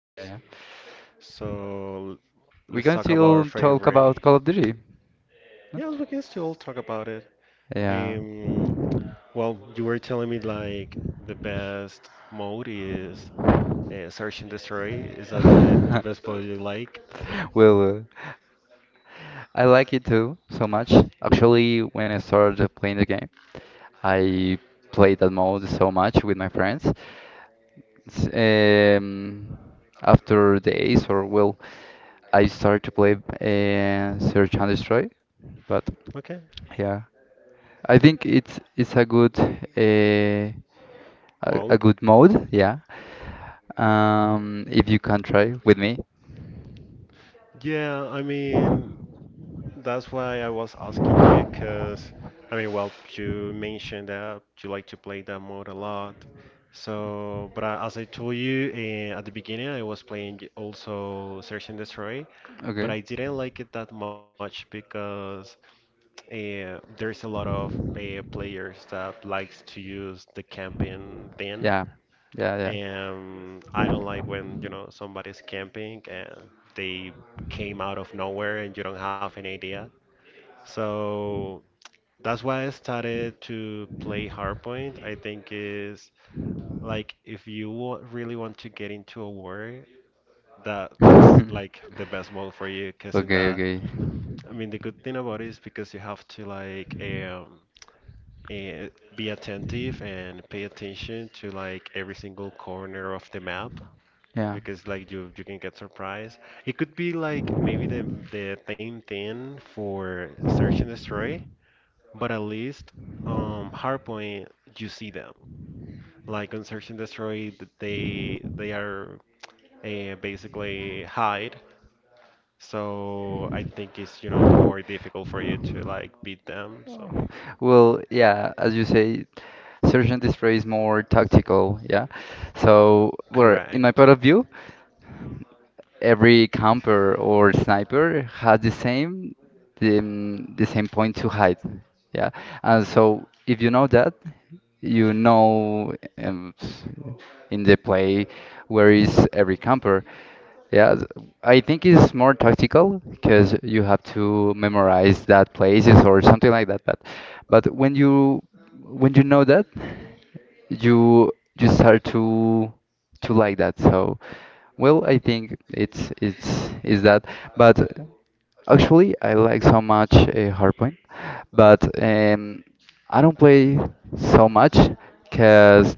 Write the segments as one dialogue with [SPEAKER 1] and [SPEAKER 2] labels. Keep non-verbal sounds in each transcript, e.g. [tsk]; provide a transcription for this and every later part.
[SPEAKER 1] Yeah, yeah.
[SPEAKER 2] So
[SPEAKER 1] We can
[SPEAKER 2] let's talk about
[SPEAKER 1] still
[SPEAKER 2] our
[SPEAKER 1] talk about
[SPEAKER 2] favorite.
[SPEAKER 1] Call of Duty.
[SPEAKER 2] Yes, we can still talk about it.
[SPEAKER 1] Yeah.
[SPEAKER 2] Um, well, you were telling me like the best mode is search and destroy. Is that the best mode you
[SPEAKER 1] [laughs]
[SPEAKER 2] like?
[SPEAKER 1] Well, I like it too so much. Actually, when I started playing the game, I played that mode so much with my friends. S- Um, After days or well, I started to play Search and Destroy, but
[SPEAKER 2] Okay,
[SPEAKER 1] yeah, I think it's a good a
[SPEAKER 2] mode.
[SPEAKER 1] good mode. Yeah, if you can try with me. Yeah,
[SPEAKER 2] Yeah, I mean, that's why I was asking you, because I mean, well, you mentioned that you like to play that mode a lot. So, but I, as I told you at the beginning, I was playing also Search and Destroy, but
[SPEAKER 1] okay.
[SPEAKER 2] I didn't like it that much because there's a lot of players that likes to use the camping thing.
[SPEAKER 1] Yeah. Yeah, yeah.
[SPEAKER 2] I don't like when, you know, somebody's camping and they came out of nowhere and you don't have any idea, so that's why I
[SPEAKER 1] [laughs]
[SPEAKER 2] started to play Hardpoint. I think is like if you really want to get into a war, that's like the best mode for you. Because in
[SPEAKER 1] Okay,
[SPEAKER 2] that,
[SPEAKER 1] okay.
[SPEAKER 2] I mean, the good thing about it is because you have to like eh, be attentive and pay attention to like every single corner of the map.
[SPEAKER 1] Yeah.
[SPEAKER 2] Because like you can get surprised. It could be like maybe the same thing for Search and Destroy. But at least um, Hardpoint, you see them. Like on Search and Destroy, they are basically hide. So I think it's, you know, more difficult for you to
[SPEAKER 1] [laughs]
[SPEAKER 2] like beat them. So
[SPEAKER 1] Oh. Well, yeah, as you say, Sergeant Display is more tactical, yeah. So, well, in my
[SPEAKER 2] correct.
[SPEAKER 1] point of view, every camper or sniper has the same the same point to hide. Yeah, and so if you know that, you know um, s- in the play where is every camper, yeah, th- I think it's more tactical because you have to memorize that places or something like that. But when you know that, you you start to like that. So well, I think it's is that. But actually, I like so much Hardpoint, but I don't play so much because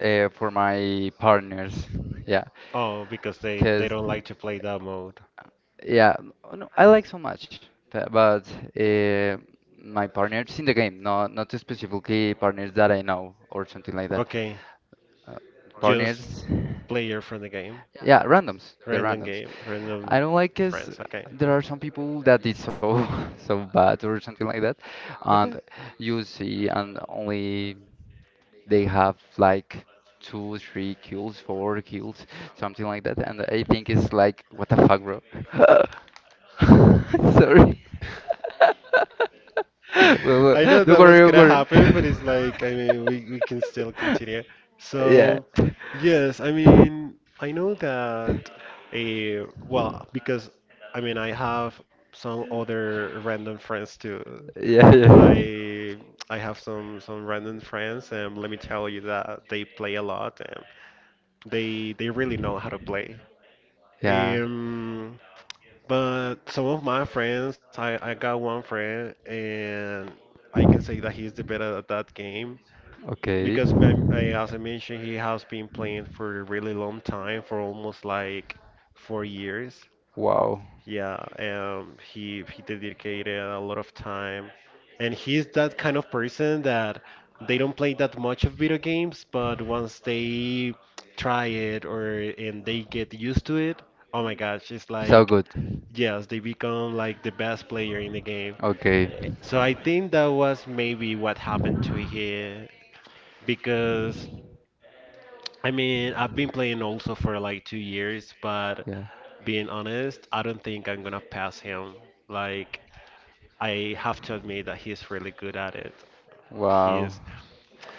[SPEAKER 1] for my partners, yeah,
[SPEAKER 2] Oh, because they
[SPEAKER 1] because.
[SPEAKER 2] don't like to play that mode.
[SPEAKER 1] Yeah, no, I like so much, but uh, my partners in the game, no, not specifically partners that I know or something like that.
[SPEAKER 2] Okay.
[SPEAKER 1] Uh,
[SPEAKER 2] Just
[SPEAKER 1] Partners,
[SPEAKER 2] player from the game.
[SPEAKER 1] yeah, randoms, the
[SPEAKER 2] Random
[SPEAKER 1] randoms.
[SPEAKER 2] game,
[SPEAKER 1] I
[SPEAKER 2] random
[SPEAKER 1] don't like is
[SPEAKER 2] friends. Okay.
[SPEAKER 1] there are some people that is so [laughs] so bad or something like that, and
[SPEAKER 2] Okay.
[SPEAKER 1] you see, and only they have like two, three kills, four kills, something like that, and I think it's like, what the fuck, bro? [laughs] [laughs] Sorry. [laughs] Well,
[SPEAKER 2] I
[SPEAKER 1] well,
[SPEAKER 2] know
[SPEAKER 1] don't
[SPEAKER 2] that
[SPEAKER 1] worry,
[SPEAKER 2] was
[SPEAKER 1] don't
[SPEAKER 2] gonna
[SPEAKER 1] worry.
[SPEAKER 2] happen,
[SPEAKER 1] [laughs]
[SPEAKER 2] but it's like, I mean, we can still continue.
[SPEAKER 1] Yeah.
[SPEAKER 2] So, yes, I mean, I know that, a well, because, I mean, I have some other random friends too.
[SPEAKER 1] Yeah, yeah.
[SPEAKER 2] I I have some random friends, and let me tell you that they play a lot, and they really know how to play.
[SPEAKER 1] Yeah,
[SPEAKER 2] Um, but some of my friends, I got one friend, and I can say that he's the better at that game
[SPEAKER 1] okay.
[SPEAKER 2] because, as I mentioned, he has been playing for a really long time, for almost like 4 years.
[SPEAKER 1] Wow.
[SPEAKER 2] Yeah, he dedicated a lot of time, and he's that kind of person that they don't play that much of video games, but once they try it or and they get used to it, oh my gosh, it's
[SPEAKER 1] So
[SPEAKER 2] like
[SPEAKER 1] good.
[SPEAKER 2] yes, they become like the best player in the game.
[SPEAKER 1] Okay.
[SPEAKER 2] So I think that was maybe what happened to him because I mean I've been playing also for like 2 years, but
[SPEAKER 1] Yeah.
[SPEAKER 2] being honest, I don't think I'm gonna pass him. Like I have to admit that he's really good at it. He
[SPEAKER 1] Wow.
[SPEAKER 2] is.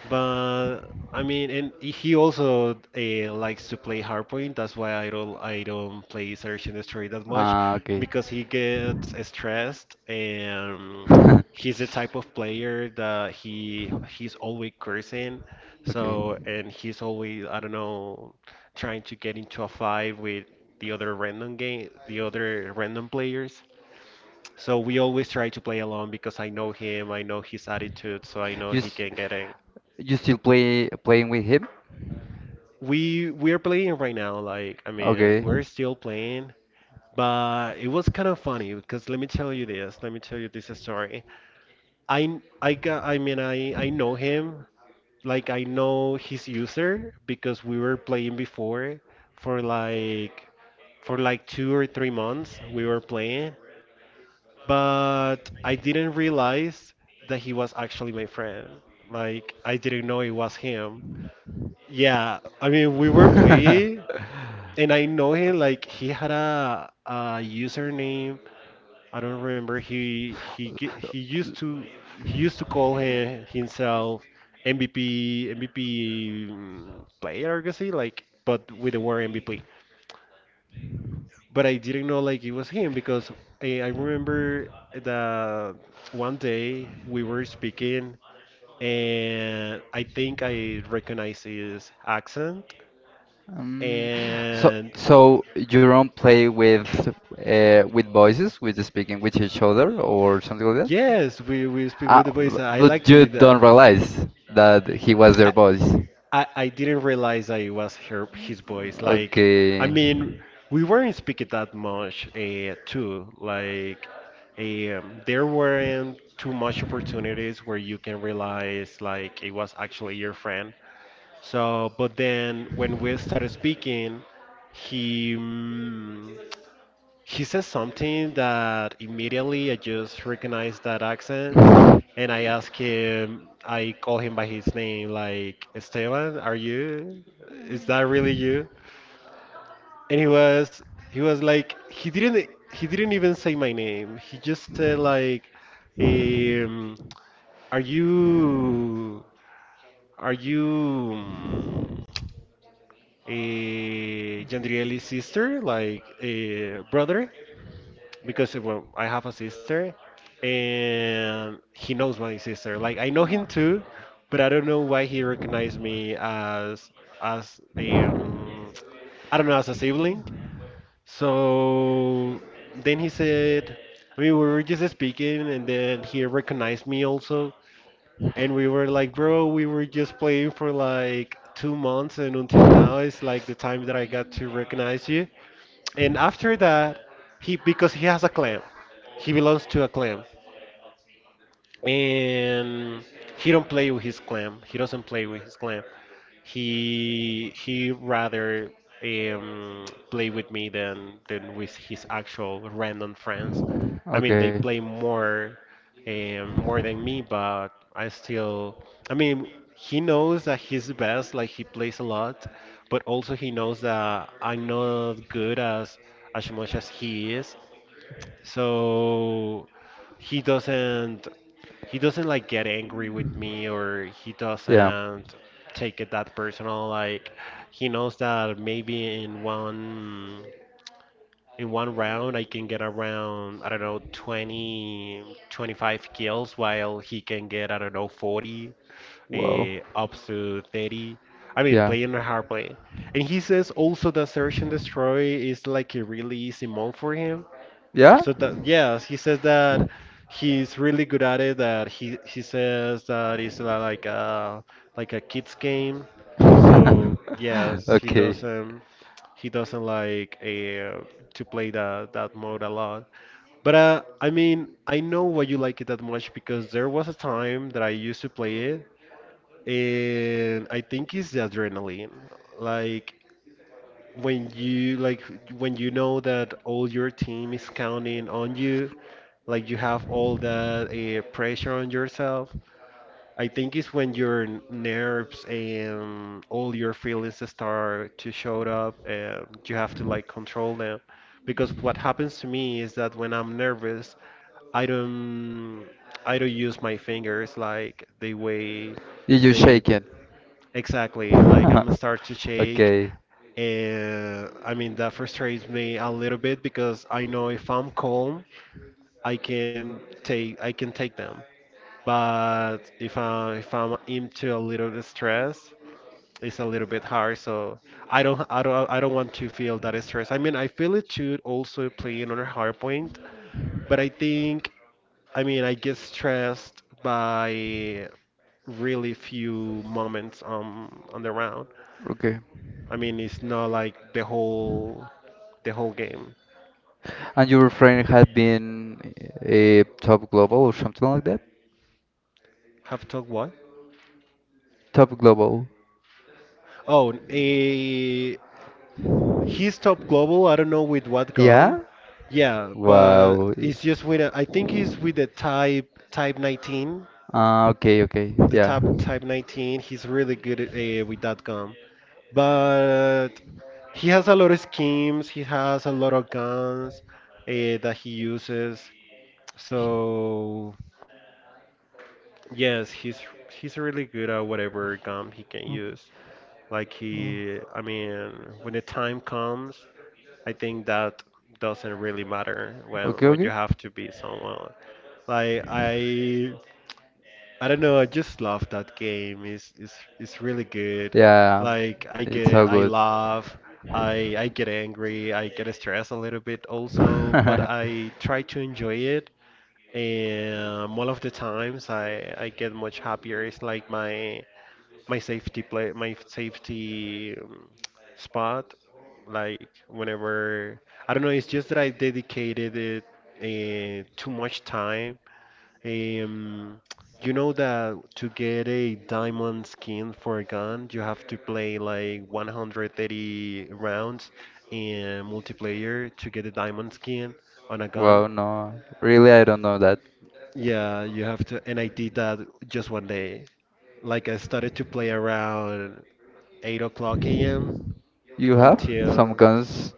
[SPEAKER 2] But I mean, and he also likes to play Hardpoint. That's why I don't play Search and Destroy that much
[SPEAKER 1] Ah, okay.
[SPEAKER 2] because he gets stressed and he's the
[SPEAKER 1] [laughs]
[SPEAKER 2] type of player that he's always cursing.
[SPEAKER 1] Okay.
[SPEAKER 2] So and he's always, I don't know, trying to get into a fight with the other random players. So we always try to play alone because I know him, I know his attitude, so I know
[SPEAKER 1] You
[SPEAKER 2] he
[SPEAKER 1] s
[SPEAKER 2] can get in.
[SPEAKER 1] you still play playing with him?
[SPEAKER 2] We're playing right now. Like I mean,
[SPEAKER 1] Okay.
[SPEAKER 2] we're still playing, but it was kind of funny because let me tell you this. Let me tell you this story. I got I mean I know him. Like I know his user because we were playing before for like for like 2 or 3 months we were playing, but I didn't realize that he was actually my friend. Like I didn't know it was him. Yeah, I mean we were playing and I know him like he had a username. I don't remember. He used to call himself MVP. MVP mm, player, I guess he like, but with the word MVP. But I didn't know like it was him because I remember that one day we were speaking and I think I recognized his accent,
[SPEAKER 1] Um, so
[SPEAKER 2] and
[SPEAKER 1] so you don't play with voices, with speaking with each other or something like that.
[SPEAKER 2] yes, we speak
[SPEAKER 1] Ah,
[SPEAKER 2] with the voice. I like
[SPEAKER 1] but
[SPEAKER 2] to
[SPEAKER 1] you
[SPEAKER 2] do that.
[SPEAKER 1] don't realize that he was their
[SPEAKER 2] I,
[SPEAKER 1] voice.
[SPEAKER 2] I I didn't realize that it was her his voice. Like, I
[SPEAKER 1] Okay.
[SPEAKER 2] mean, we weren't speaking that much too. Like, there weren't too much opportunities where you can realize like it was actually your friend. So, but then when we started speaking, he mm, he says something that immediately I just recognized that accent, and
[SPEAKER 1] [laughs]
[SPEAKER 2] I ask him, I call him by his name, like, Esteban, are you? Is that really you? And he was like he didn't even say my name. He just said like, um, are you are you? Mm, Jandrieli's sister, like a brother, because well, I have a sister, and he knows my sister. Like I know him too, but I don't know why he recognized me as a I don't know, as a sibling. So then he said, I mean, we were just speaking, and then he recognized me also. And we were like, bro, we were just playing for like 2 months, and until now it's like the time that I got to recognize you. And after that, he because he has a clan, he belongs to a clan and he don't play with his clan. He doesn't play with his clan. He rather um, play with me than with his actual random friends. I mean,
[SPEAKER 1] Okay.
[SPEAKER 2] they play more more than me, but I still. I mean, he knows that he's the best. Like he plays a lot, but also he knows that I'm not good as much as he is. So he doesn't he doesn't like get angry with me, or he
[SPEAKER 1] Yeah.
[SPEAKER 2] doesn't take it that personal. Like he knows that maybe in one round I can get around, I don't know, 20, 25 kills while he can get, I don't know, 40
[SPEAKER 1] Wow.
[SPEAKER 2] up to 30. I mean,
[SPEAKER 1] Yeah.
[SPEAKER 2] playing hard play. And he says also that Search and Destroy is like a really easy mode for him,
[SPEAKER 1] Yeah?
[SPEAKER 2] so that yes, he says that he's really good at it. That he says that it's like a kids
[SPEAKER 1] [laughs]
[SPEAKER 2] game. So yes,
[SPEAKER 1] Okay.
[SPEAKER 2] he doesn't like to play that mode a lot. But I mean, I know why you like it that much because there was a time that I used to play it, and I think it's the adrenaline. Like when you like when you know that all your team is counting on you, like you have all that pressure on yourself. I think it's when your nerves and all your feelings start to show up, and you have to like control them. Because what happens to me is that when I'm nervous, I don't I don't use my fingers like the way
[SPEAKER 1] You
[SPEAKER 2] they
[SPEAKER 1] shaking.
[SPEAKER 2] exactly like I'm
[SPEAKER 1] [laughs]
[SPEAKER 2] start to shake,
[SPEAKER 1] Okay.
[SPEAKER 2] and I mean, that frustrates me a little bit because I know if I'm calm, I can take them. But if I'm into a little bit stress, it's a little bit hard. So I don't want to feel that stress. I mean, I feel it too also playing on a hard point, but I think, I mean, I get stressed by really few moments on the round.
[SPEAKER 1] Okay.
[SPEAKER 2] I mean, it's not like the whole game.
[SPEAKER 1] And your friend had been a top global or something like that?
[SPEAKER 2] Have talked what?
[SPEAKER 1] Top global.
[SPEAKER 2] Oh, eh, he's top global. I don't know with what gun.
[SPEAKER 1] Yeah?
[SPEAKER 2] Yeah, but
[SPEAKER 1] Wow.
[SPEAKER 2] it's just with a, I think he's with the type 19.
[SPEAKER 1] Ah, okay, okay.
[SPEAKER 2] The
[SPEAKER 1] Yeah.
[SPEAKER 2] type 19. He's really good at, eh, with that gun. But he has a lot of schemes. He has a lot of guns that he uses. So yes, he's really good at whatever gum he can
[SPEAKER 1] Ok-
[SPEAKER 2] use. Like
[SPEAKER 1] oh,
[SPEAKER 2] I mean, when the time comes, I think that doesn't really matter
[SPEAKER 1] okay,
[SPEAKER 2] when you
[SPEAKER 1] okay.
[SPEAKER 2] have to be someone. Like I don't know, I just love that game. It's it's really good.
[SPEAKER 1] Yeah,
[SPEAKER 2] Like
[SPEAKER 1] it's so
[SPEAKER 2] I
[SPEAKER 1] good.
[SPEAKER 2] laugh, I get angry, I get stressed a little bit also, but
[SPEAKER 1] [laughs]
[SPEAKER 2] I try to enjoy it. And all of the times I get much happier. It's like my safety play, my safety spot. Like whenever, I don't know, it's just that I dedicated it too much time um, you know, that to get a diamond skin for a gun, you have to play like 130 rounds in multiplayer to get a diamond skin on a gun.
[SPEAKER 1] Wow, no. Really, I don't know that.
[SPEAKER 2] Yeah, you have to, and I did that just one day. Like I started to play around 8 o'clock a.m.
[SPEAKER 1] You have some
[SPEAKER 2] until
[SPEAKER 1] guns?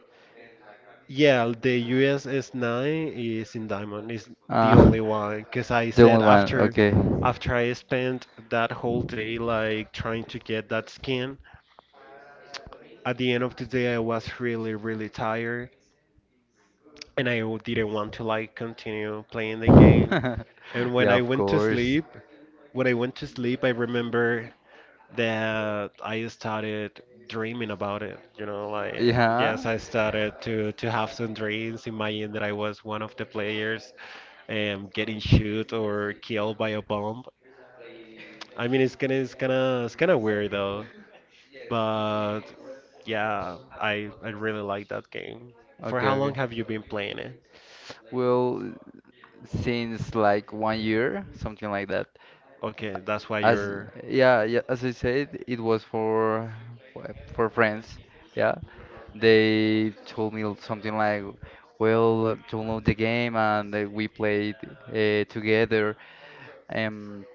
[SPEAKER 2] yeah, the USS 9 is in diamond. Is the
[SPEAKER 1] Uh,
[SPEAKER 2] only
[SPEAKER 1] [laughs]
[SPEAKER 2] one because I
[SPEAKER 1] the only
[SPEAKER 2] said
[SPEAKER 1] one.
[SPEAKER 2] after
[SPEAKER 1] Okay.
[SPEAKER 2] after I spent that whole day like trying to get that skin. At the end of the day I was really really tired and didn't want to like continue playing
[SPEAKER 1] [laughs]
[SPEAKER 2] the game. And
[SPEAKER 1] Yeah, of course.
[SPEAKER 2] when I went to sleep, I remember that I started dreaming about it. Like yes,
[SPEAKER 1] Yeah.
[SPEAKER 2] I started to have some dreams, imagine that I was one of the players, getting shoot or killed by a bomb. I mean, it's kind of weird though, but yeah, I really like that game. For
[SPEAKER 1] Okay,
[SPEAKER 2] how long
[SPEAKER 1] okay.
[SPEAKER 2] have you been playing it?
[SPEAKER 1] Well, since like 1 year, something like that.
[SPEAKER 2] Okay, that's why
[SPEAKER 1] As
[SPEAKER 2] you're.
[SPEAKER 1] Yeah, yeah, as I said, it was for friends. Yeah, they told me something like, "Well, download the game and we played together." Um,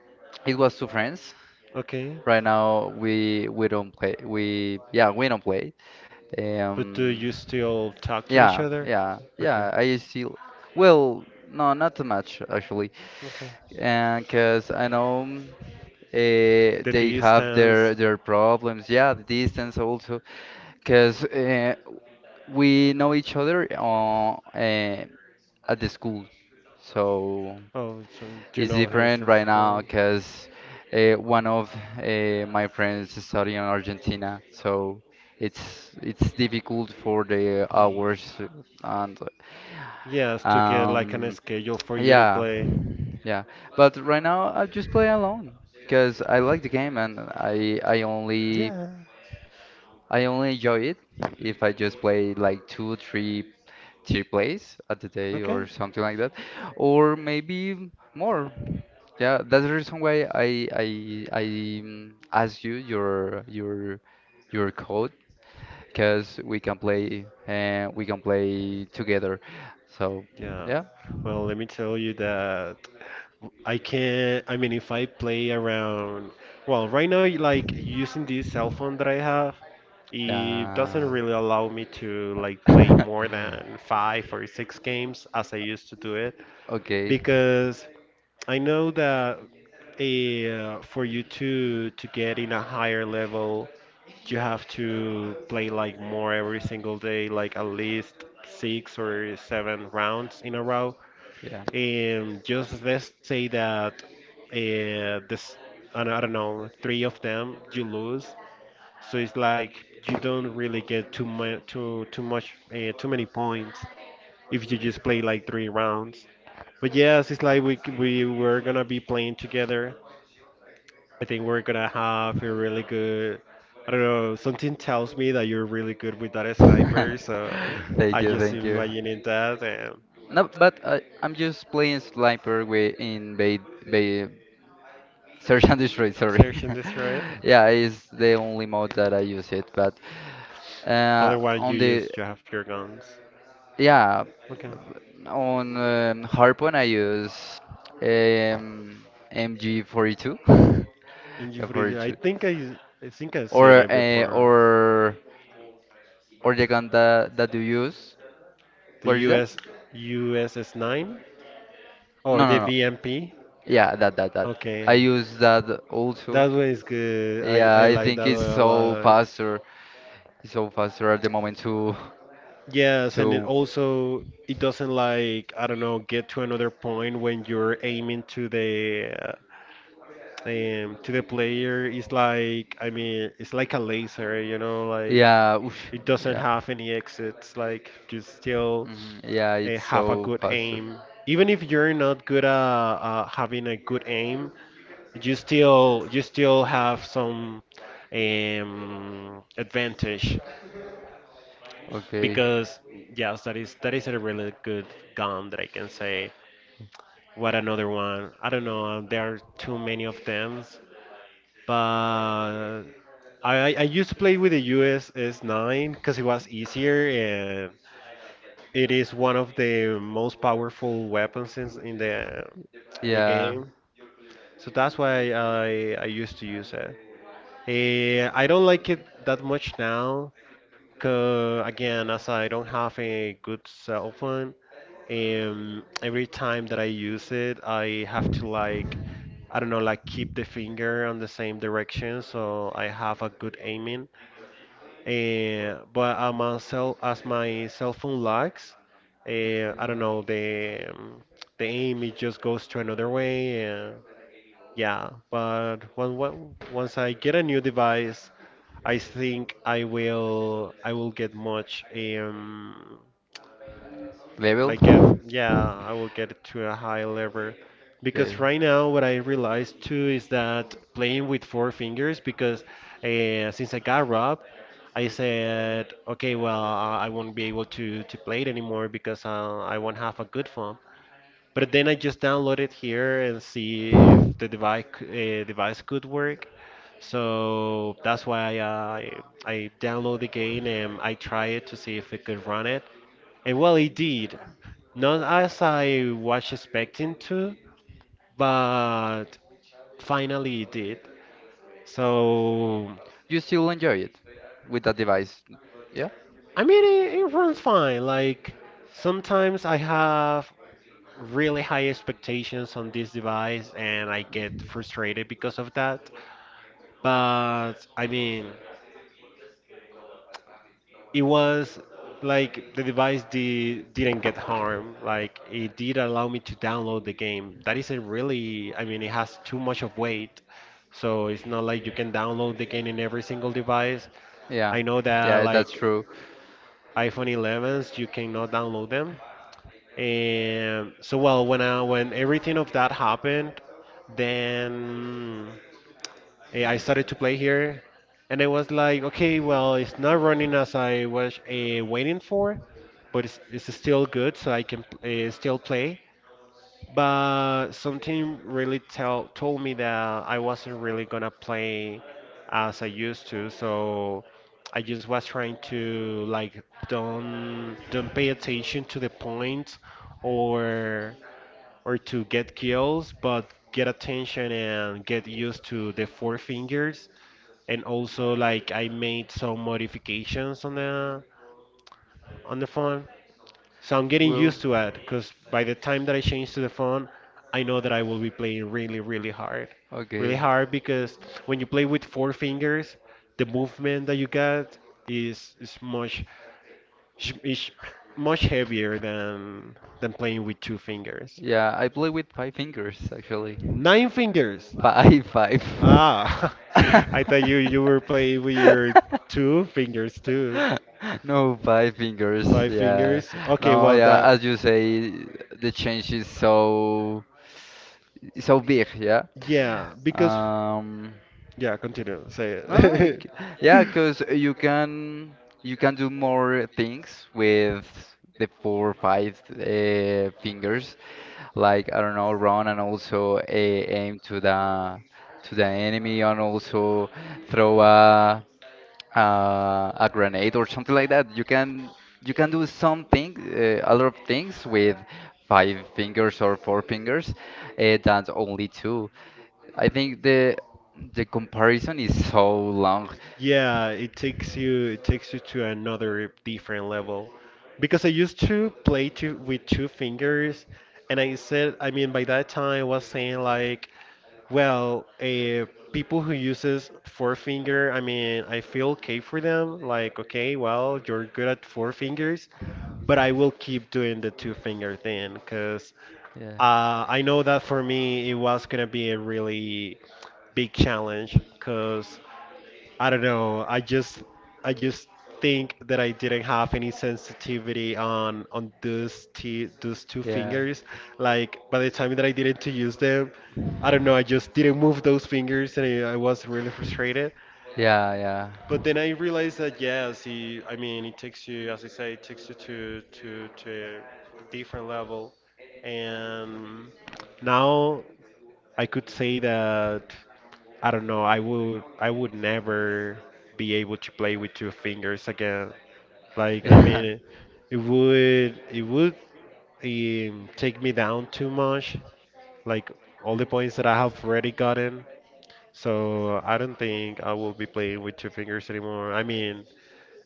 [SPEAKER 1] it was two friends.
[SPEAKER 2] Okay.
[SPEAKER 1] Right now we don't play. We yeah we don't play.
[SPEAKER 2] But do
[SPEAKER 1] Um,
[SPEAKER 2] you still talk to each
[SPEAKER 1] yeah,
[SPEAKER 2] other?
[SPEAKER 1] yeah,
[SPEAKER 2] Okay.
[SPEAKER 1] yeah. I still well, no, not too much actually.
[SPEAKER 2] Okay.
[SPEAKER 1] And because I know
[SPEAKER 2] The
[SPEAKER 1] they have
[SPEAKER 2] distance.
[SPEAKER 1] their problems. Yeah, the distance also. Because we know each other at the school, so
[SPEAKER 2] Oh, so do you
[SPEAKER 1] it's
[SPEAKER 2] know him
[SPEAKER 1] different
[SPEAKER 2] since
[SPEAKER 1] right now.
[SPEAKER 2] school?
[SPEAKER 1] Because one of my friends is studying in Argentina, so it's difficult for the
[SPEAKER 2] Mm.
[SPEAKER 1] hours and
[SPEAKER 2] Yes, to get like an
[SPEAKER 1] um
[SPEAKER 2] schedule for you to
[SPEAKER 1] yeah,
[SPEAKER 2] play.
[SPEAKER 1] yeah. But right now I just play alone because I like the game and I only
[SPEAKER 2] Yeah.
[SPEAKER 1] I only enjoy it if I just play like two, three, three plays at the day
[SPEAKER 2] Okay.
[SPEAKER 1] or something like that, or maybe more. Yeah, that's the reason why I asked you your your code because we can play and we can play together. So
[SPEAKER 2] Yeah.
[SPEAKER 1] yeah,
[SPEAKER 2] Well, let me tell you that I can, I mean, if I play around, well, right now, like using this cell phone that I have, it doesn't
[SPEAKER 1] yeah.
[SPEAKER 2] really allow me to like play
[SPEAKER 1] [laughs]
[SPEAKER 2] more than five or six games as I used to do it
[SPEAKER 1] Okay.
[SPEAKER 2] because I know that for you to get in a higher level, you have to play like more every single day, like at least six or seven rounds in a row.
[SPEAKER 1] Yeah.
[SPEAKER 2] And just let's say that this I don't know three of them you lose, so it's like you don't really get too much too much too many points if you just play like three rounds. But yes, it's like we were gonna be playing together, I think we're gonna have a really good, I don't know, something tells me that you're really good with that sniper,
[SPEAKER 1] [laughs]
[SPEAKER 2] so
[SPEAKER 1] Thank
[SPEAKER 2] I
[SPEAKER 1] you.
[SPEAKER 2] just
[SPEAKER 1] Thank you.
[SPEAKER 2] imagining that.
[SPEAKER 1] No, but I'm just playing Sniper with in Bay, Bay [laughs] Search and Destroy. Sorry.
[SPEAKER 2] Search and destroy.
[SPEAKER 1] [laughs] Yeah, it's the only mode that I use it. But
[SPEAKER 2] Other one
[SPEAKER 1] on
[SPEAKER 2] you
[SPEAKER 1] the
[SPEAKER 2] use to have your guns.
[SPEAKER 1] yeah,
[SPEAKER 2] Okay.
[SPEAKER 1] on Harpoon I use um, MG42, [laughs]
[SPEAKER 2] And you
[SPEAKER 1] yeah,
[SPEAKER 2] free I
[SPEAKER 1] 42,
[SPEAKER 2] think I think I've
[SPEAKER 1] or
[SPEAKER 2] seen it
[SPEAKER 1] uh,
[SPEAKER 2] before.
[SPEAKER 1] or or the gun that, that you use.
[SPEAKER 2] The
[SPEAKER 1] What is that?
[SPEAKER 2] US USS nine or
[SPEAKER 1] No,
[SPEAKER 2] the
[SPEAKER 1] no, no.
[SPEAKER 2] VMP.
[SPEAKER 1] Yeah, that. I
[SPEAKER 2] Okay.
[SPEAKER 1] use that also.
[SPEAKER 2] That one is good. I
[SPEAKER 1] Yeah,
[SPEAKER 2] I
[SPEAKER 1] I
[SPEAKER 2] like
[SPEAKER 1] think
[SPEAKER 2] that one
[SPEAKER 1] it's
[SPEAKER 2] a
[SPEAKER 1] so
[SPEAKER 2] lot.
[SPEAKER 1] faster. It's so faster at the moment
[SPEAKER 2] Yes, and it
[SPEAKER 1] to
[SPEAKER 2] also it doesn't like I don't know get to another point when you're aiming to the player. It's like, I mean, it's like a laser, you know, like
[SPEAKER 1] yeah, oof,
[SPEAKER 2] it doesn't
[SPEAKER 1] yeah.
[SPEAKER 2] have any exits. Like you still
[SPEAKER 1] Yeah, it's
[SPEAKER 2] have a
[SPEAKER 1] so
[SPEAKER 2] good
[SPEAKER 1] faster.
[SPEAKER 2] aim, even if you're not good at having a good aim, you still have some advantage
[SPEAKER 1] Okay.
[SPEAKER 2] because yes, that is a really good gun that I can say. What another one? I don't know. There are too many of them, but I used to play with the USS 9 because it was easier and it is one of the most powerful weapons in the
[SPEAKER 1] Yeah.
[SPEAKER 2] game. So that's why I used to use it. I don't like it that much now, 'cause again, as I don't have a good cell phone, every time that I use it, I have to like, I don't know, like keep the finger on the same direction so I have a good aiming. But as my cell phone lags, I
[SPEAKER 1] Mm,
[SPEAKER 2] don't know, the aim it just goes to another way. Yeah, but once I get a new device, I think I will get much
[SPEAKER 1] Level.
[SPEAKER 2] get yeah I will get it to a high level
[SPEAKER 1] Okay.
[SPEAKER 2] because right now what I realized too is that playing with four fingers because since I got robbed I said okay well I won't be able to play it anymore because I won't have a good phone. But then I just download it here and see if the device could work. So that's why I download the game and I try it to see if it could run it. And well, it did. Not as I was expecting to, but finally it did. So
[SPEAKER 1] You still enjoy it with that device. Yeah?
[SPEAKER 2] I mean, it runs fine. Like sometimes I have really high expectations on this device and I get frustrated because of that. But I mean, it was like the device didn't get harmed. Like it did allow me to download the game. That isn't really, I mean, it has too much of weight. So it's not like you can download the game in every single device.
[SPEAKER 1] Yeah.
[SPEAKER 2] I know
[SPEAKER 1] Yeah,
[SPEAKER 2] that
[SPEAKER 1] that's
[SPEAKER 2] like
[SPEAKER 1] true.
[SPEAKER 2] iPhone 11s, you cannot download them. And so, well, when everything of that happened, then I started to play here, and it was like, okay, well, it's not running as I was waiting for, but it's still good, so I can still play. But something really tell told me that I wasn't really gonna play as I used to, so I just was trying to like don't pay attention to the points, or or to get kills, but get attention and get used to the four fingers. And also like I made some modifications on the phone, so I'm getting
[SPEAKER 1] Well,
[SPEAKER 2] used to it because by the time that I change to the phone, I know that I will be playing really, really hard. Really
[SPEAKER 1] okay.
[SPEAKER 2] hard because when you play with four fingers, the movement that you get is much sh- is much heavier than playing with two fingers.
[SPEAKER 1] Yeah, I play with five fingers actually.
[SPEAKER 2] Nine fingers.
[SPEAKER 1] Five, five.
[SPEAKER 2] Ah, [laughs] I thought you
[SPEAKER 1] [laughs]
[SPEAKER 2] were playing with your two fingers too.
[SPEAKER 1] No, five fingers.
[SPEAKER 2] Five
[SPEAKER 1] Yeah.
[SPEAKER 2] fingers. Okay,
[SPEAKER 1] No,
[SPEAKER 2] well
[SPEAKER 1] yeah.
[SPEAKER 2] that,
[SPEAKER 1] As you say, the change is so so big. Yeah.
[SPEAKER 2] yeah, because
[SPEAKER 1] Um.
[SPEAKER 2] yeah, continue. Say
[SPEAKER 1] No, no, it
[SPEAKER 2] it.
[SPEAKER 1] yeah, because you can do more things with the four or five fingers, like I don't know, run and also aim to the enemy and also throw a grenade or something like that. You can do something, a lot of things with five fingers or four fingers,
[SPEAKER 2] [laughs]
[SPEAKER 1] than only two. I think the comparison is so long.
[SPEAKER 2] Yeah, it takes you to another different level. Because I used to play with two fingers, and I said, I mean, by that time I was saying like, well, people who uses four finger, I mean, I feel okay for them. Like, okay, well, you're good at four fingers, but I will keep doing the two finger thing because.
[SPEAKER 1] Yeah.
[SPEAKER 2] I know that for me, it was gonna be a really big challenge because I don't know. I just think that I didn't have any sensitivity on those t those two fingers.
[SPEAKER 1] Yeah.
[SPEAKER 2] Like by the time that I didn't to use them, I don't know. I just didn't move those fingers, and I was really frustrated.
[SPEAKER 1] Yeah. Yeah.
[SPEAKER 2] But then I realized that yes, he, I mean, it takes you, as I say, it takes you to to a different level, and now I could say that I don't know, I would never be able to play with two fingers again. Like I
[SPEAKER 1] Yeah,
[SPEAKER 2] mean, it would take me down too much. Like all the points that I have already gotten. So I don't think I will be playing with two fingers anymore. I mean,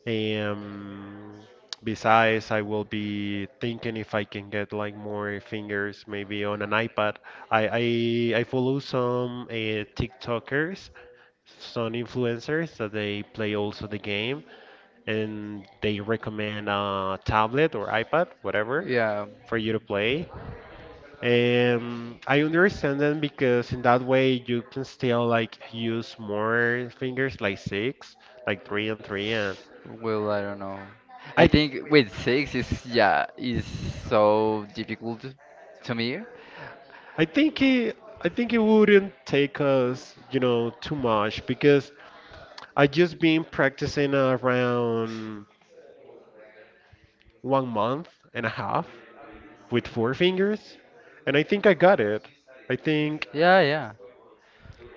[SPEAKER 2] um, besides, I will be thinking if I can get like more fingers, maybe on an iPad. I follow some TikTokers, some influencers that they play also the game, and they recommend a tablet or iPad, whatever,
[SPEAKER 1] [laughs] yeah.
[SPEAKER 2] for you to play. I understand them because in that way you can still like use more fingers, like six, like three and three. And
[SPEAKER 1] Well, I don't know. I
[SPEAKER 2] I,
[SPEAKER 1] think with six is yeah is so difficult to me.
[SPEAKER 2] I think it, I think it wouldn't take us, you know, too much because I just been practicing around 1 month and a half with four fingers, and I think I got it. I think
[SPEAKER 1] Yeah, yeah.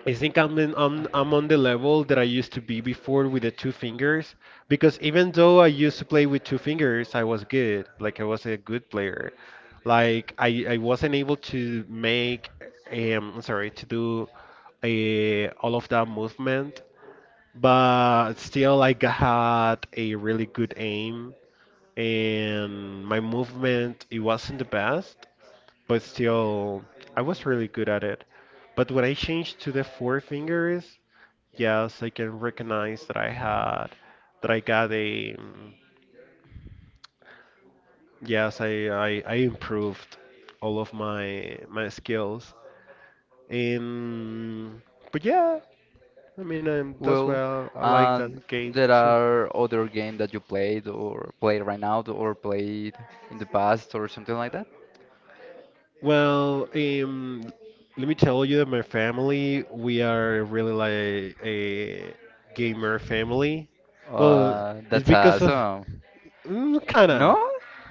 [SPEAKER 2] I think I'm on the level that I used to be before with the two fingers because even though I used to play with two fingers, I was good. Like I was a good player. Like I wasn't able to make I'm sorry to do all of that movement, but still had a really good aim and my movement it wasn't the best, but still, I was really good at it. But when I changed to the four fingers, yes, I can recognize that that I got a, yes, I improved all of my skills. And but yeah, I mean, that's why
[SPEAKER 1] Well,
[SPEAKER 2] I like
[SPEAKER 1] and
[SPEAKER 2] that game
[SPEAKER 1] there
[SPEAKER 2] too.
[SPEAKER 1] are other game that you played or play right now or played in the past or something like that.
[SPEAKER 2] Well, let me tell you that my family, we are really like a gamer family. Well, it's
[SPEAKER 1] That's
[SPEAKER 2] because of
[SPEAKER 1] awesome.
[SPEAKER 2] mm,
[SPEAKER 1] No?
[SPEAKER 2] kinda,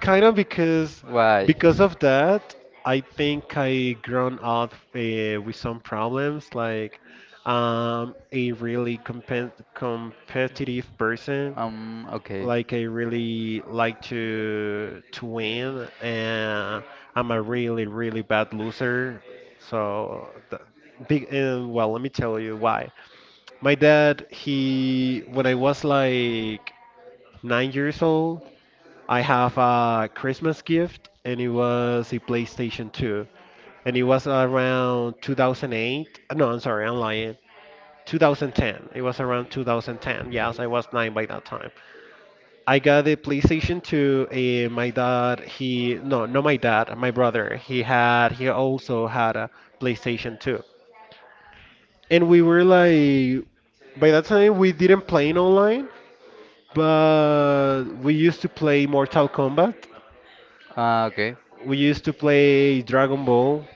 [SPEAKER 2] kinda because
[SPEAKER 1] Why?
[SPEAKER 2] because of that, I think I grown up with some problems. Like, I a really competitive person.
[SPEAKER 1] Okay.
[SPEAKER 2] Like I really like to win, and I'm a really really bad loser. So, big well, let me tell you why. My dad, he when I was like 9 years old, I have a Christmas gift, and it was a PlayStation 2 and it was around 2008. No, I'm sorry, I'm lying. 2010. It was around 2010. Yes, I was nine by that time. I got the PlayStation 2. My dad, he no, not my dad, my brother. He also had a PlayStation 2, and we were like, by that time we didn't play it online, but we used to play Mortal Kombat.
[SPEAKER 1] Okay.
[SPEAKER 2] We used to play Dragon Ball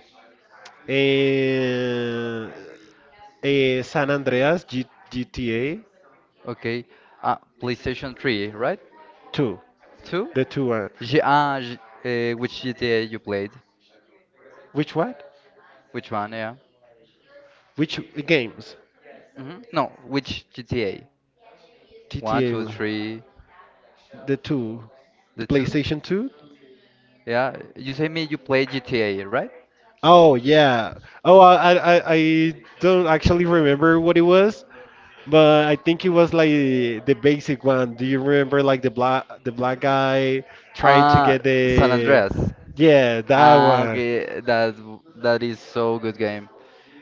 [SPEAKER 2] and uh, San Andreas G- GTA
[SPEAKER 1] Okay. PlayStation 3, right?
[SPEAKER 2] 2,
[SPEAKER 1] 2?
[SPEAKER 2] the two one.
[SPEAKER 1] G G Which GTA you played?
[SPEAKER 2] Which what?
[SPEAKER 1] Which one, yeah?
[SPEAKER 2] Which games?
[SPEAKER 1] No, which GTA? One,
[SPEAKER 2] GTA.
[SPEAKER 1] two, three,
[SPEAKER 2] The two, the
[SPEAKER 1] the 2?
[SPEAKER 2] PlayStation Two.
[SPEAKER 1] Yeah, you say me you play GTA, right?
[SPEAKER 2] Oh yeah. Oh, I don't actually remember what it was, but I think it was like the basic one. Do you remember like the black guy trying to
[SPEAKER 1] Uh,
[SPEAKER 2] get
[SPEAKER 1] San
[SPEAKER 2] the?
[SPEAKER 1] Andreas.
[SPEAKER 2] Yeah, that
[SPEAKER 1] Ah,
[SPEAKER 2] one.
[SPEAKER 1] okay, that that is so good game.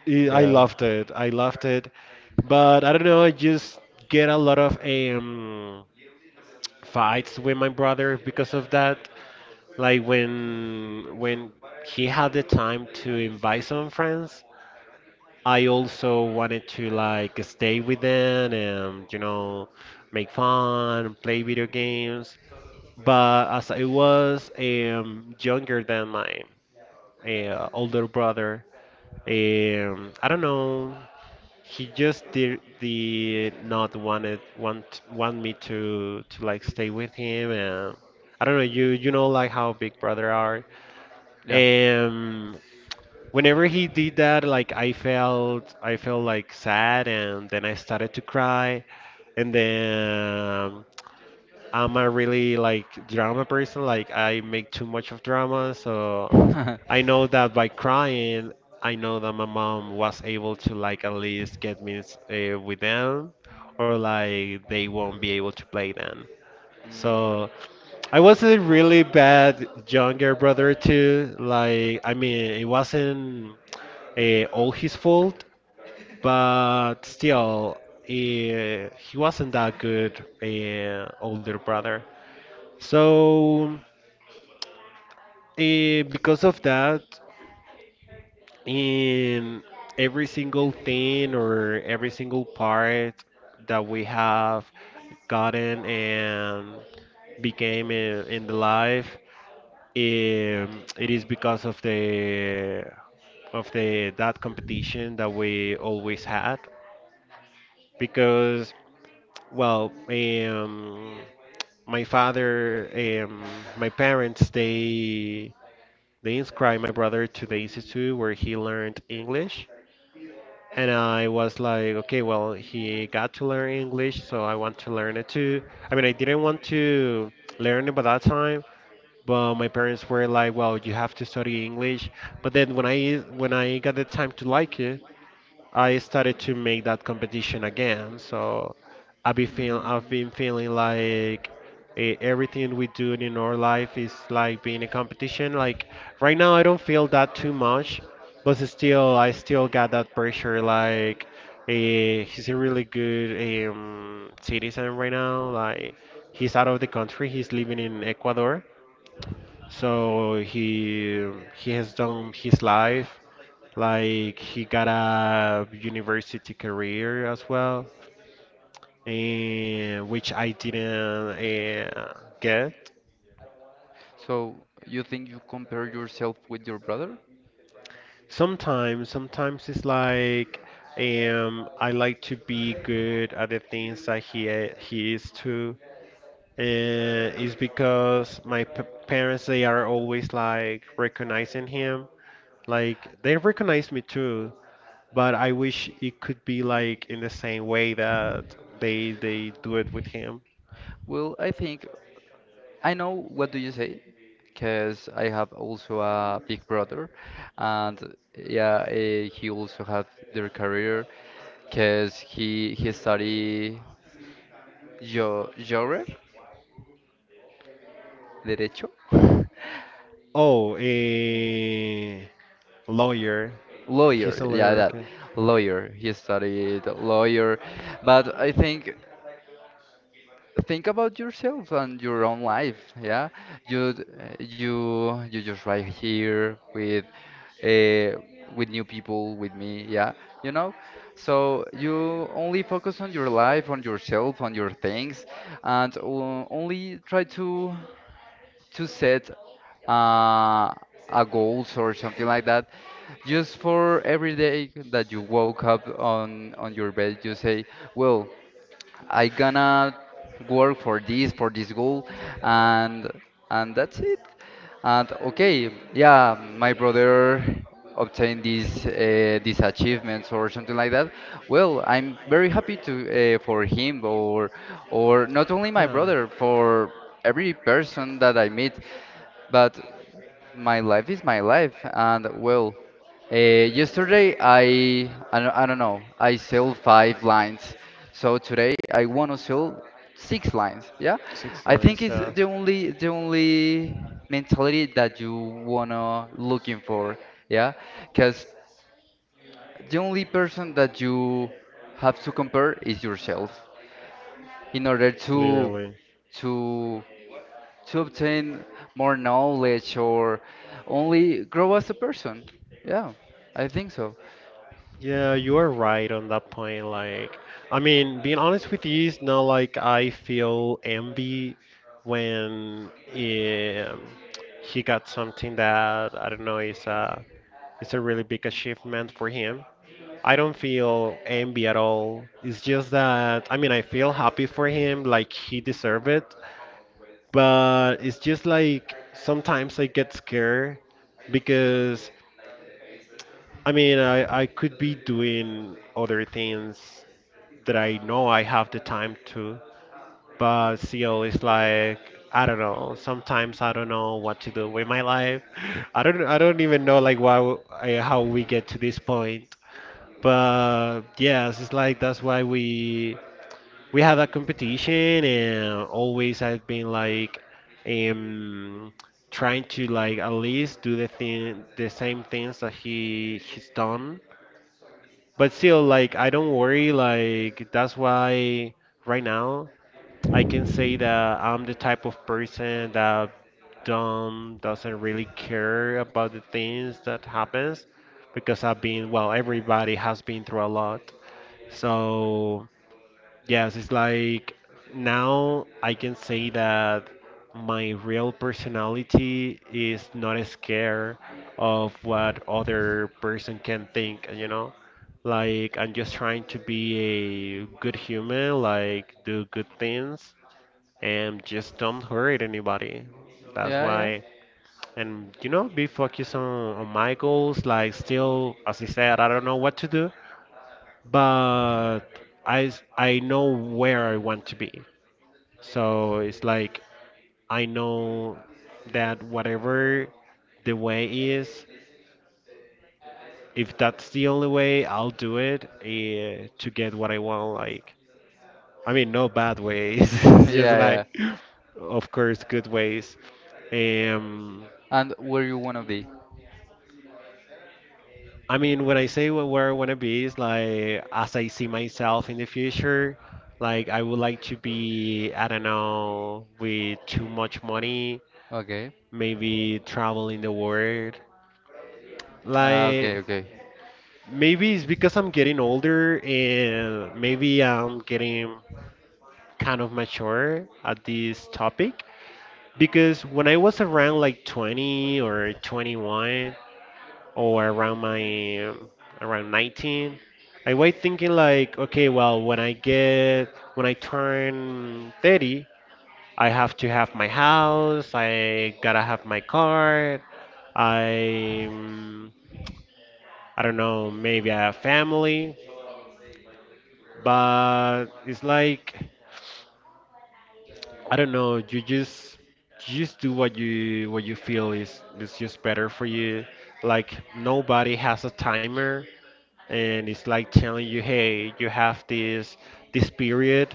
[SPEAKER 2] I
[SPEAKER 1] Yeah.
[SPEAKER 2] loved it. I loved it, but I don't know. I just get a lot of fights with my brother because of that. Like when he had the time to invite some friends, I also wanted to like stay with them and make fun, play video games. But as I was younger than my older brother. I don't know. He just did, the not wanted want me to like stay with him. And I don't know. You know like how Big Brother are.
[SPEAKER 1] Yeah.
[SPEAKER 2] Um, Whenever he did that, like I felt like sad, and then I started to cry, and
[SPEAKER 1] [laughs]
[SPEAKER 2] then I'm a really like drama person. Like I make too much of drama, so I know that by crying, I know that my mom was able to like at least get me with them, or like they won't be
[SPEAKER 1] [laughs]
[SPEAKER 2] able to play them. So
[SPEAKER 1] Mm,
[SPEAKER 2] I was a really bad younger brother too. Like I mean, it wasn't all his fault, but still, he wasn't that good older brother. So, because of that, in every single thing or every single part that we have gotten and became in the life, it is because of the that competition that we always had. Because, well, my father, my parents, they inscribed my brother to the institute where he learned English. And I was like, okay, well, he got to learn English, so I want to learn it too. I mean, I didn't want to learn it by that time, but my parents were like, well, you have to study English. But then when I got the time to like it, I started to make that competition again. So
[SPEAKER 1] So
[SPEAKER 2] I've been feeling I've been feeling like everything we do in our life is like being a competition. Like right now, I don't feel that too much, but still, I still got that pressure. Like he's a really good citizen right now. Like he's out of the country. He's living in Ecuador. So he has done his life, like he got a university career as well, and which I didn't uh, get.
[SPEAKER 1] So you think you compare yourself with your brother?
[SPEAKER 2] Sometimes, sometimes it's like I like to be good at the things that he is too. It's because my p parents, they are always like recognizing him. Like they recognize me too, but I wish it could be like in the same way that they do it with him.
[SPEAKER 1] Well, I think. I know what do you say, because I have also a big brother, and yeah, he also have their career, because he study jo lawyer, derecho, [laughs]
[SPEAKER 2] Oh, a lawyer. He's
[SPEAKER 1] lawyer.
[SPEAKER 2] a
[SPEAKER 1] Yeah,
[SPEAKER 2] lawyer,
[SPEAKER 1] that
[SPEAKER 2] okay.
[SPEAKER 1] lawyer. He studied lawyer, but I think. Think about yourself and your own life, yeah, you you just right here uh, with new people with me, yeah, you know, so you only focus on your life, on yourself, on your things, and only try to set uh, a goals or something like that, just for every day that you woke up on your bed you say, well, I gonna work for this, for this goal, and and that's it. And okay, yeah, my brother obtained these achievements or something like that. Well, I'm very happy to for him, or not only
[SPEAKER 2] Yeah.
[SPEAKER 1] my brother, for every person that I meet. But my life is my life, and well, yesterday I don't know, I sold 5 lines, so today I want to sell 6 lines. Yeah, I think it's the only mentality that you wanna looking for. Yeah, because the only person that you have to compare is yourself in order to to obtain more knowledge, or only grow as a person. Yeah, I think so.
[SPEAKER 2] Yeah, you are right on that point. Like, I mean, being honest with you, it's not like I feel envy when he got something that I don't know is a it's a really big achievement for him. I don't feel envy at all. It's just that I mean, I feel happy for him, like he deserved it. But it's just like sometimes I get scared because. I mean, I could be doing other things that I know I have the time to, but still, it's like I don't know. Sometimes I don't know what to do with my life. [laughs] I don't even know like why I, how we get to this point. But yes, it's like that's why we had a competition, and always I've been like um trying to like at least do the same things that he's done but still, like, I don't worry. Like, that's why right now I can say that I'm the type of person that don't doesn't really care about the things that happens because I've been, well, everybody has been through a lot. So. Yes, it's like now I can say that my real personality is not scared of what other person can think, you know? Like I'm just trying to be a good human, like do good things and just don't hurt anybody. That's
[SPEAKER 1] Yeah, yeah.
[SPEAKER 2] why be focused on my goals, like still as I said, I don't know what to do, but I know where I want to be. So it's like I know that whatever the way is, if that's the only way, I'll do it to get what I want. Like I mean, no bad ways. [laughs]
[SPEAKER 1] [laughs]
[SPEAKER 2] It's just
[SPEAKER 1] Yeah, yeah.
[SPEAKER 2] like, of course, good ways. Um,
[SPEAKER 1] And where you wanna be?
[SPEAKER 2] I mean, when I say where I want to be is like as I see myself in the future, like I would like to be, I don't know, with too much money,
[SPEAKER 1] Okay.
[SPEAKER 2] maybe traveling the world.
[SPEAKER 1] Ah, okay,
[SPEAKER 2] Like
[SPEAKER 1] okay.
[SPEAKER 2] maybe it's because I'm getting older and maybe I'm getting kind of mature at this topic. Because when I was around like 20 or 21, or around my around 19, I was thinking like, okay, well when I turn 30, I have to have my house, I gotta have my car, i um, I don't know, maybe I have family, but it's like I don't know. You just do what you feel is just better for you. Like nobody has a timer, and it's like telling you, hey, you have this period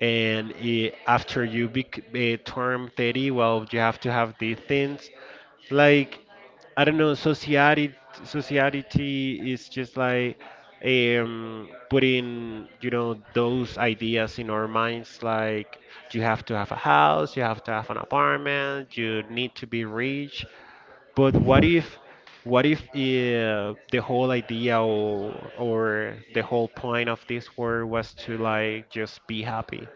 [SPEAKER 2] and after turn 30, well, you have to have these things. Like, I don't know, society is just like putting, those ideas in our minds. Like, you have to have a house, you have to have an apartment, you need to be rich. But what if the whole idea or the whole point of this word was to like just be happy?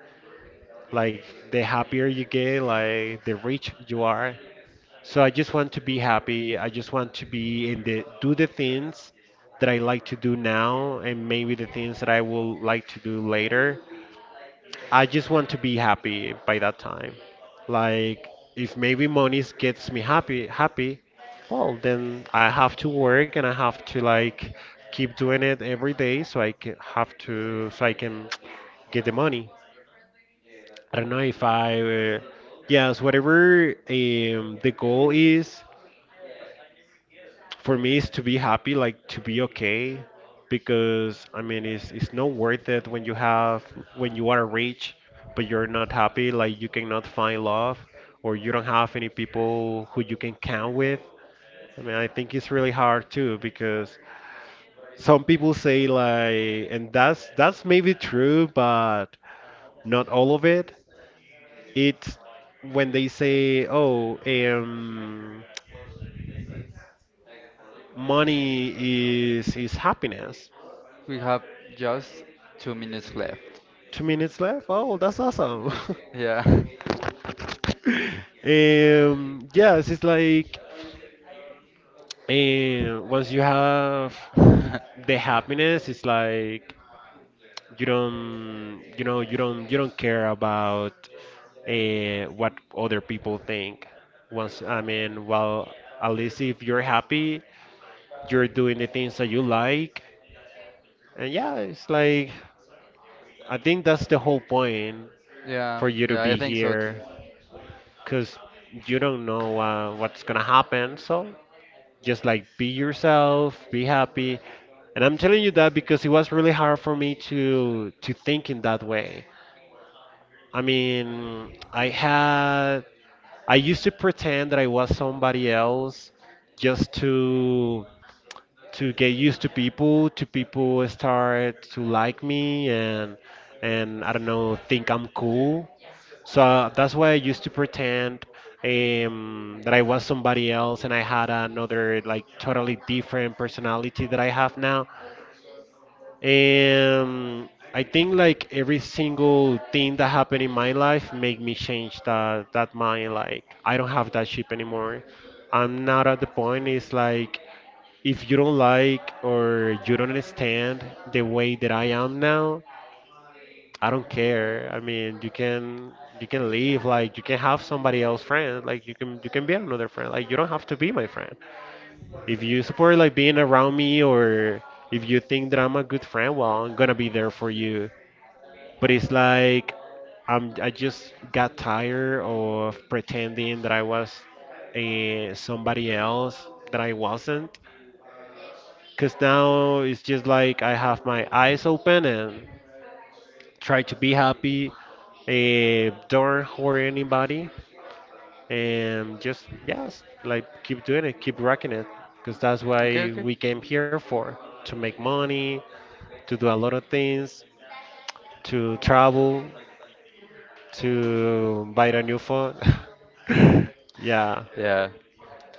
[SPEAKER 2] Like the happier you get, like the rich you are. So I just want to be happy. I just want to be in the do the things that I like to do now and maybe the things that I will like to do later. I just want to be happy by that time. Like if maybe money gets me happy happy, well then I have to work and I have to like keep doing it every day so I can [tsk] get the money. I don't know if I, yes, whatever the goal is for me is to be happy, like to be okay, because I mean it's not worth it when you have when you are rich, but you're not happy, like you cannot find love, or you don't have any people who you can count with. I mean I think it's really hard too because some people say like, and that's maybe true, but not all of it. It's when they say, "Oh, money is happiness."
[SPEAKER 1] We have just 2 minutes left.
[SPEAKER 2] 2 minutes left. Oh, that's awesome. [laughs]
[SPEAKER 1] Yeah.
[SPEAKER 2] Yes, it's like once you have
[SPEAKER 1] [laughs]
[SPEAKER 2] the happiness, it's like you don't, you know, you don't care about what other people think. Once, I mean, well, at least if you're happy, you're doing the things that you like. And yeah, it's like I think that's the whole point
[SPEAKER 1] Yeah,
[SPEAKER 2] for you to
[SPEAKER 1] yeah, I
[SPEAKER 2] be
[SPEAKER 1] think so too.
[SPEAKER 2] here, cause you don't know what's gonna happen. So just like be yourself, be happy. And I'm telling you that because it was really hard for me to think in that way. I mean, I used to pretend that I was somebody else just to get used to people start to like me, and I don't know, think I'm cool. So that's why I used to pretend that I was somebody else and I had another like totally different personality that I have now. I think like every single thing that happened in my life made me change that mind. Like I don't have that chip anymore. I'm not at the point. It's like if you don't like or you don't understand the way that I am now, I don't care. I mean, you can leave. Like you can have somebody else friend. Like you can be another friend. Like you don't have to be my friend. If you support like being around me or if you think that I'm a good friend, well, I'm gonna be there for you. But it's like I just got tired of pretending that I was somebody else that I wasn't. Because now it's just like I have my eyes open and try to be happy, don't hurt anybody, and just, yes, like keep doing it, keep rocking it. Because that's
[SPEAKER 1] Okay, okay.
[SPEAKER 2] why we came here for, to make money, to do a lot of things, to travel, to buy a new phone.
[SPEAKER 1] [laughs]
[SPEAKER 2] [laughs] Yeah.
[SPEAKER 1] Yeah.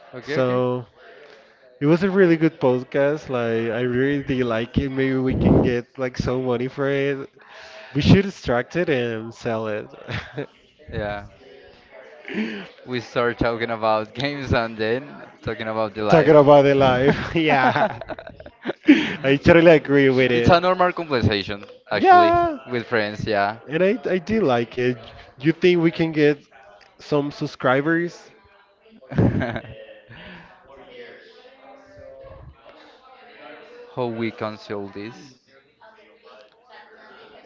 [SPEAKER 1] Okay, okay.
[SPEAKER 2] So it was a really good podcast. Like I really did like it. Maybe we can get like some money for it. We should extract it and sell it.
[SPEAKER 1] Yeah. We start talking about [laughs] games and then talking about the
[SPEAKER 2] [laughs] Talking
[SPEAKER 1] life.
[SPEAKER 2] about the
[SPEAKER 1] [laughs]
[SPEAKER 2] life. [laughs] Yeah. I totally agree with
[SPEAKER 1] It's
[SPEAKER 2] it.
[SPEAKER 1] a normal conversation, actually,
[SPEAKER 2] Yeah.
[SPEAKER 1] with friends, yeah.
[SPEAKER 2] And I do like it. You think we can get some subscribers?
[SPEAKER 1] [laughs] How we cancel this?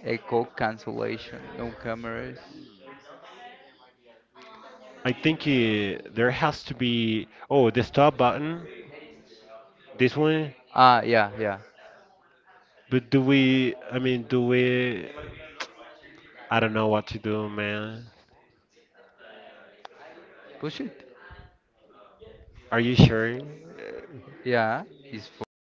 [SPEAKER 1] Echo cancellation, no cameras.
[SPEAKER 2] I think there has to be. Oh, the stop button. This one.
[SPEAKER 1] Ah, yeah, yeah.
[SPEAKER 2] But do we. I mean, do we. I don't know what to do, man.
[SPEAKER 1] Push it.
[SPEAKER 2] Are you sure?
[SPEAKER 1] Yeah, it's for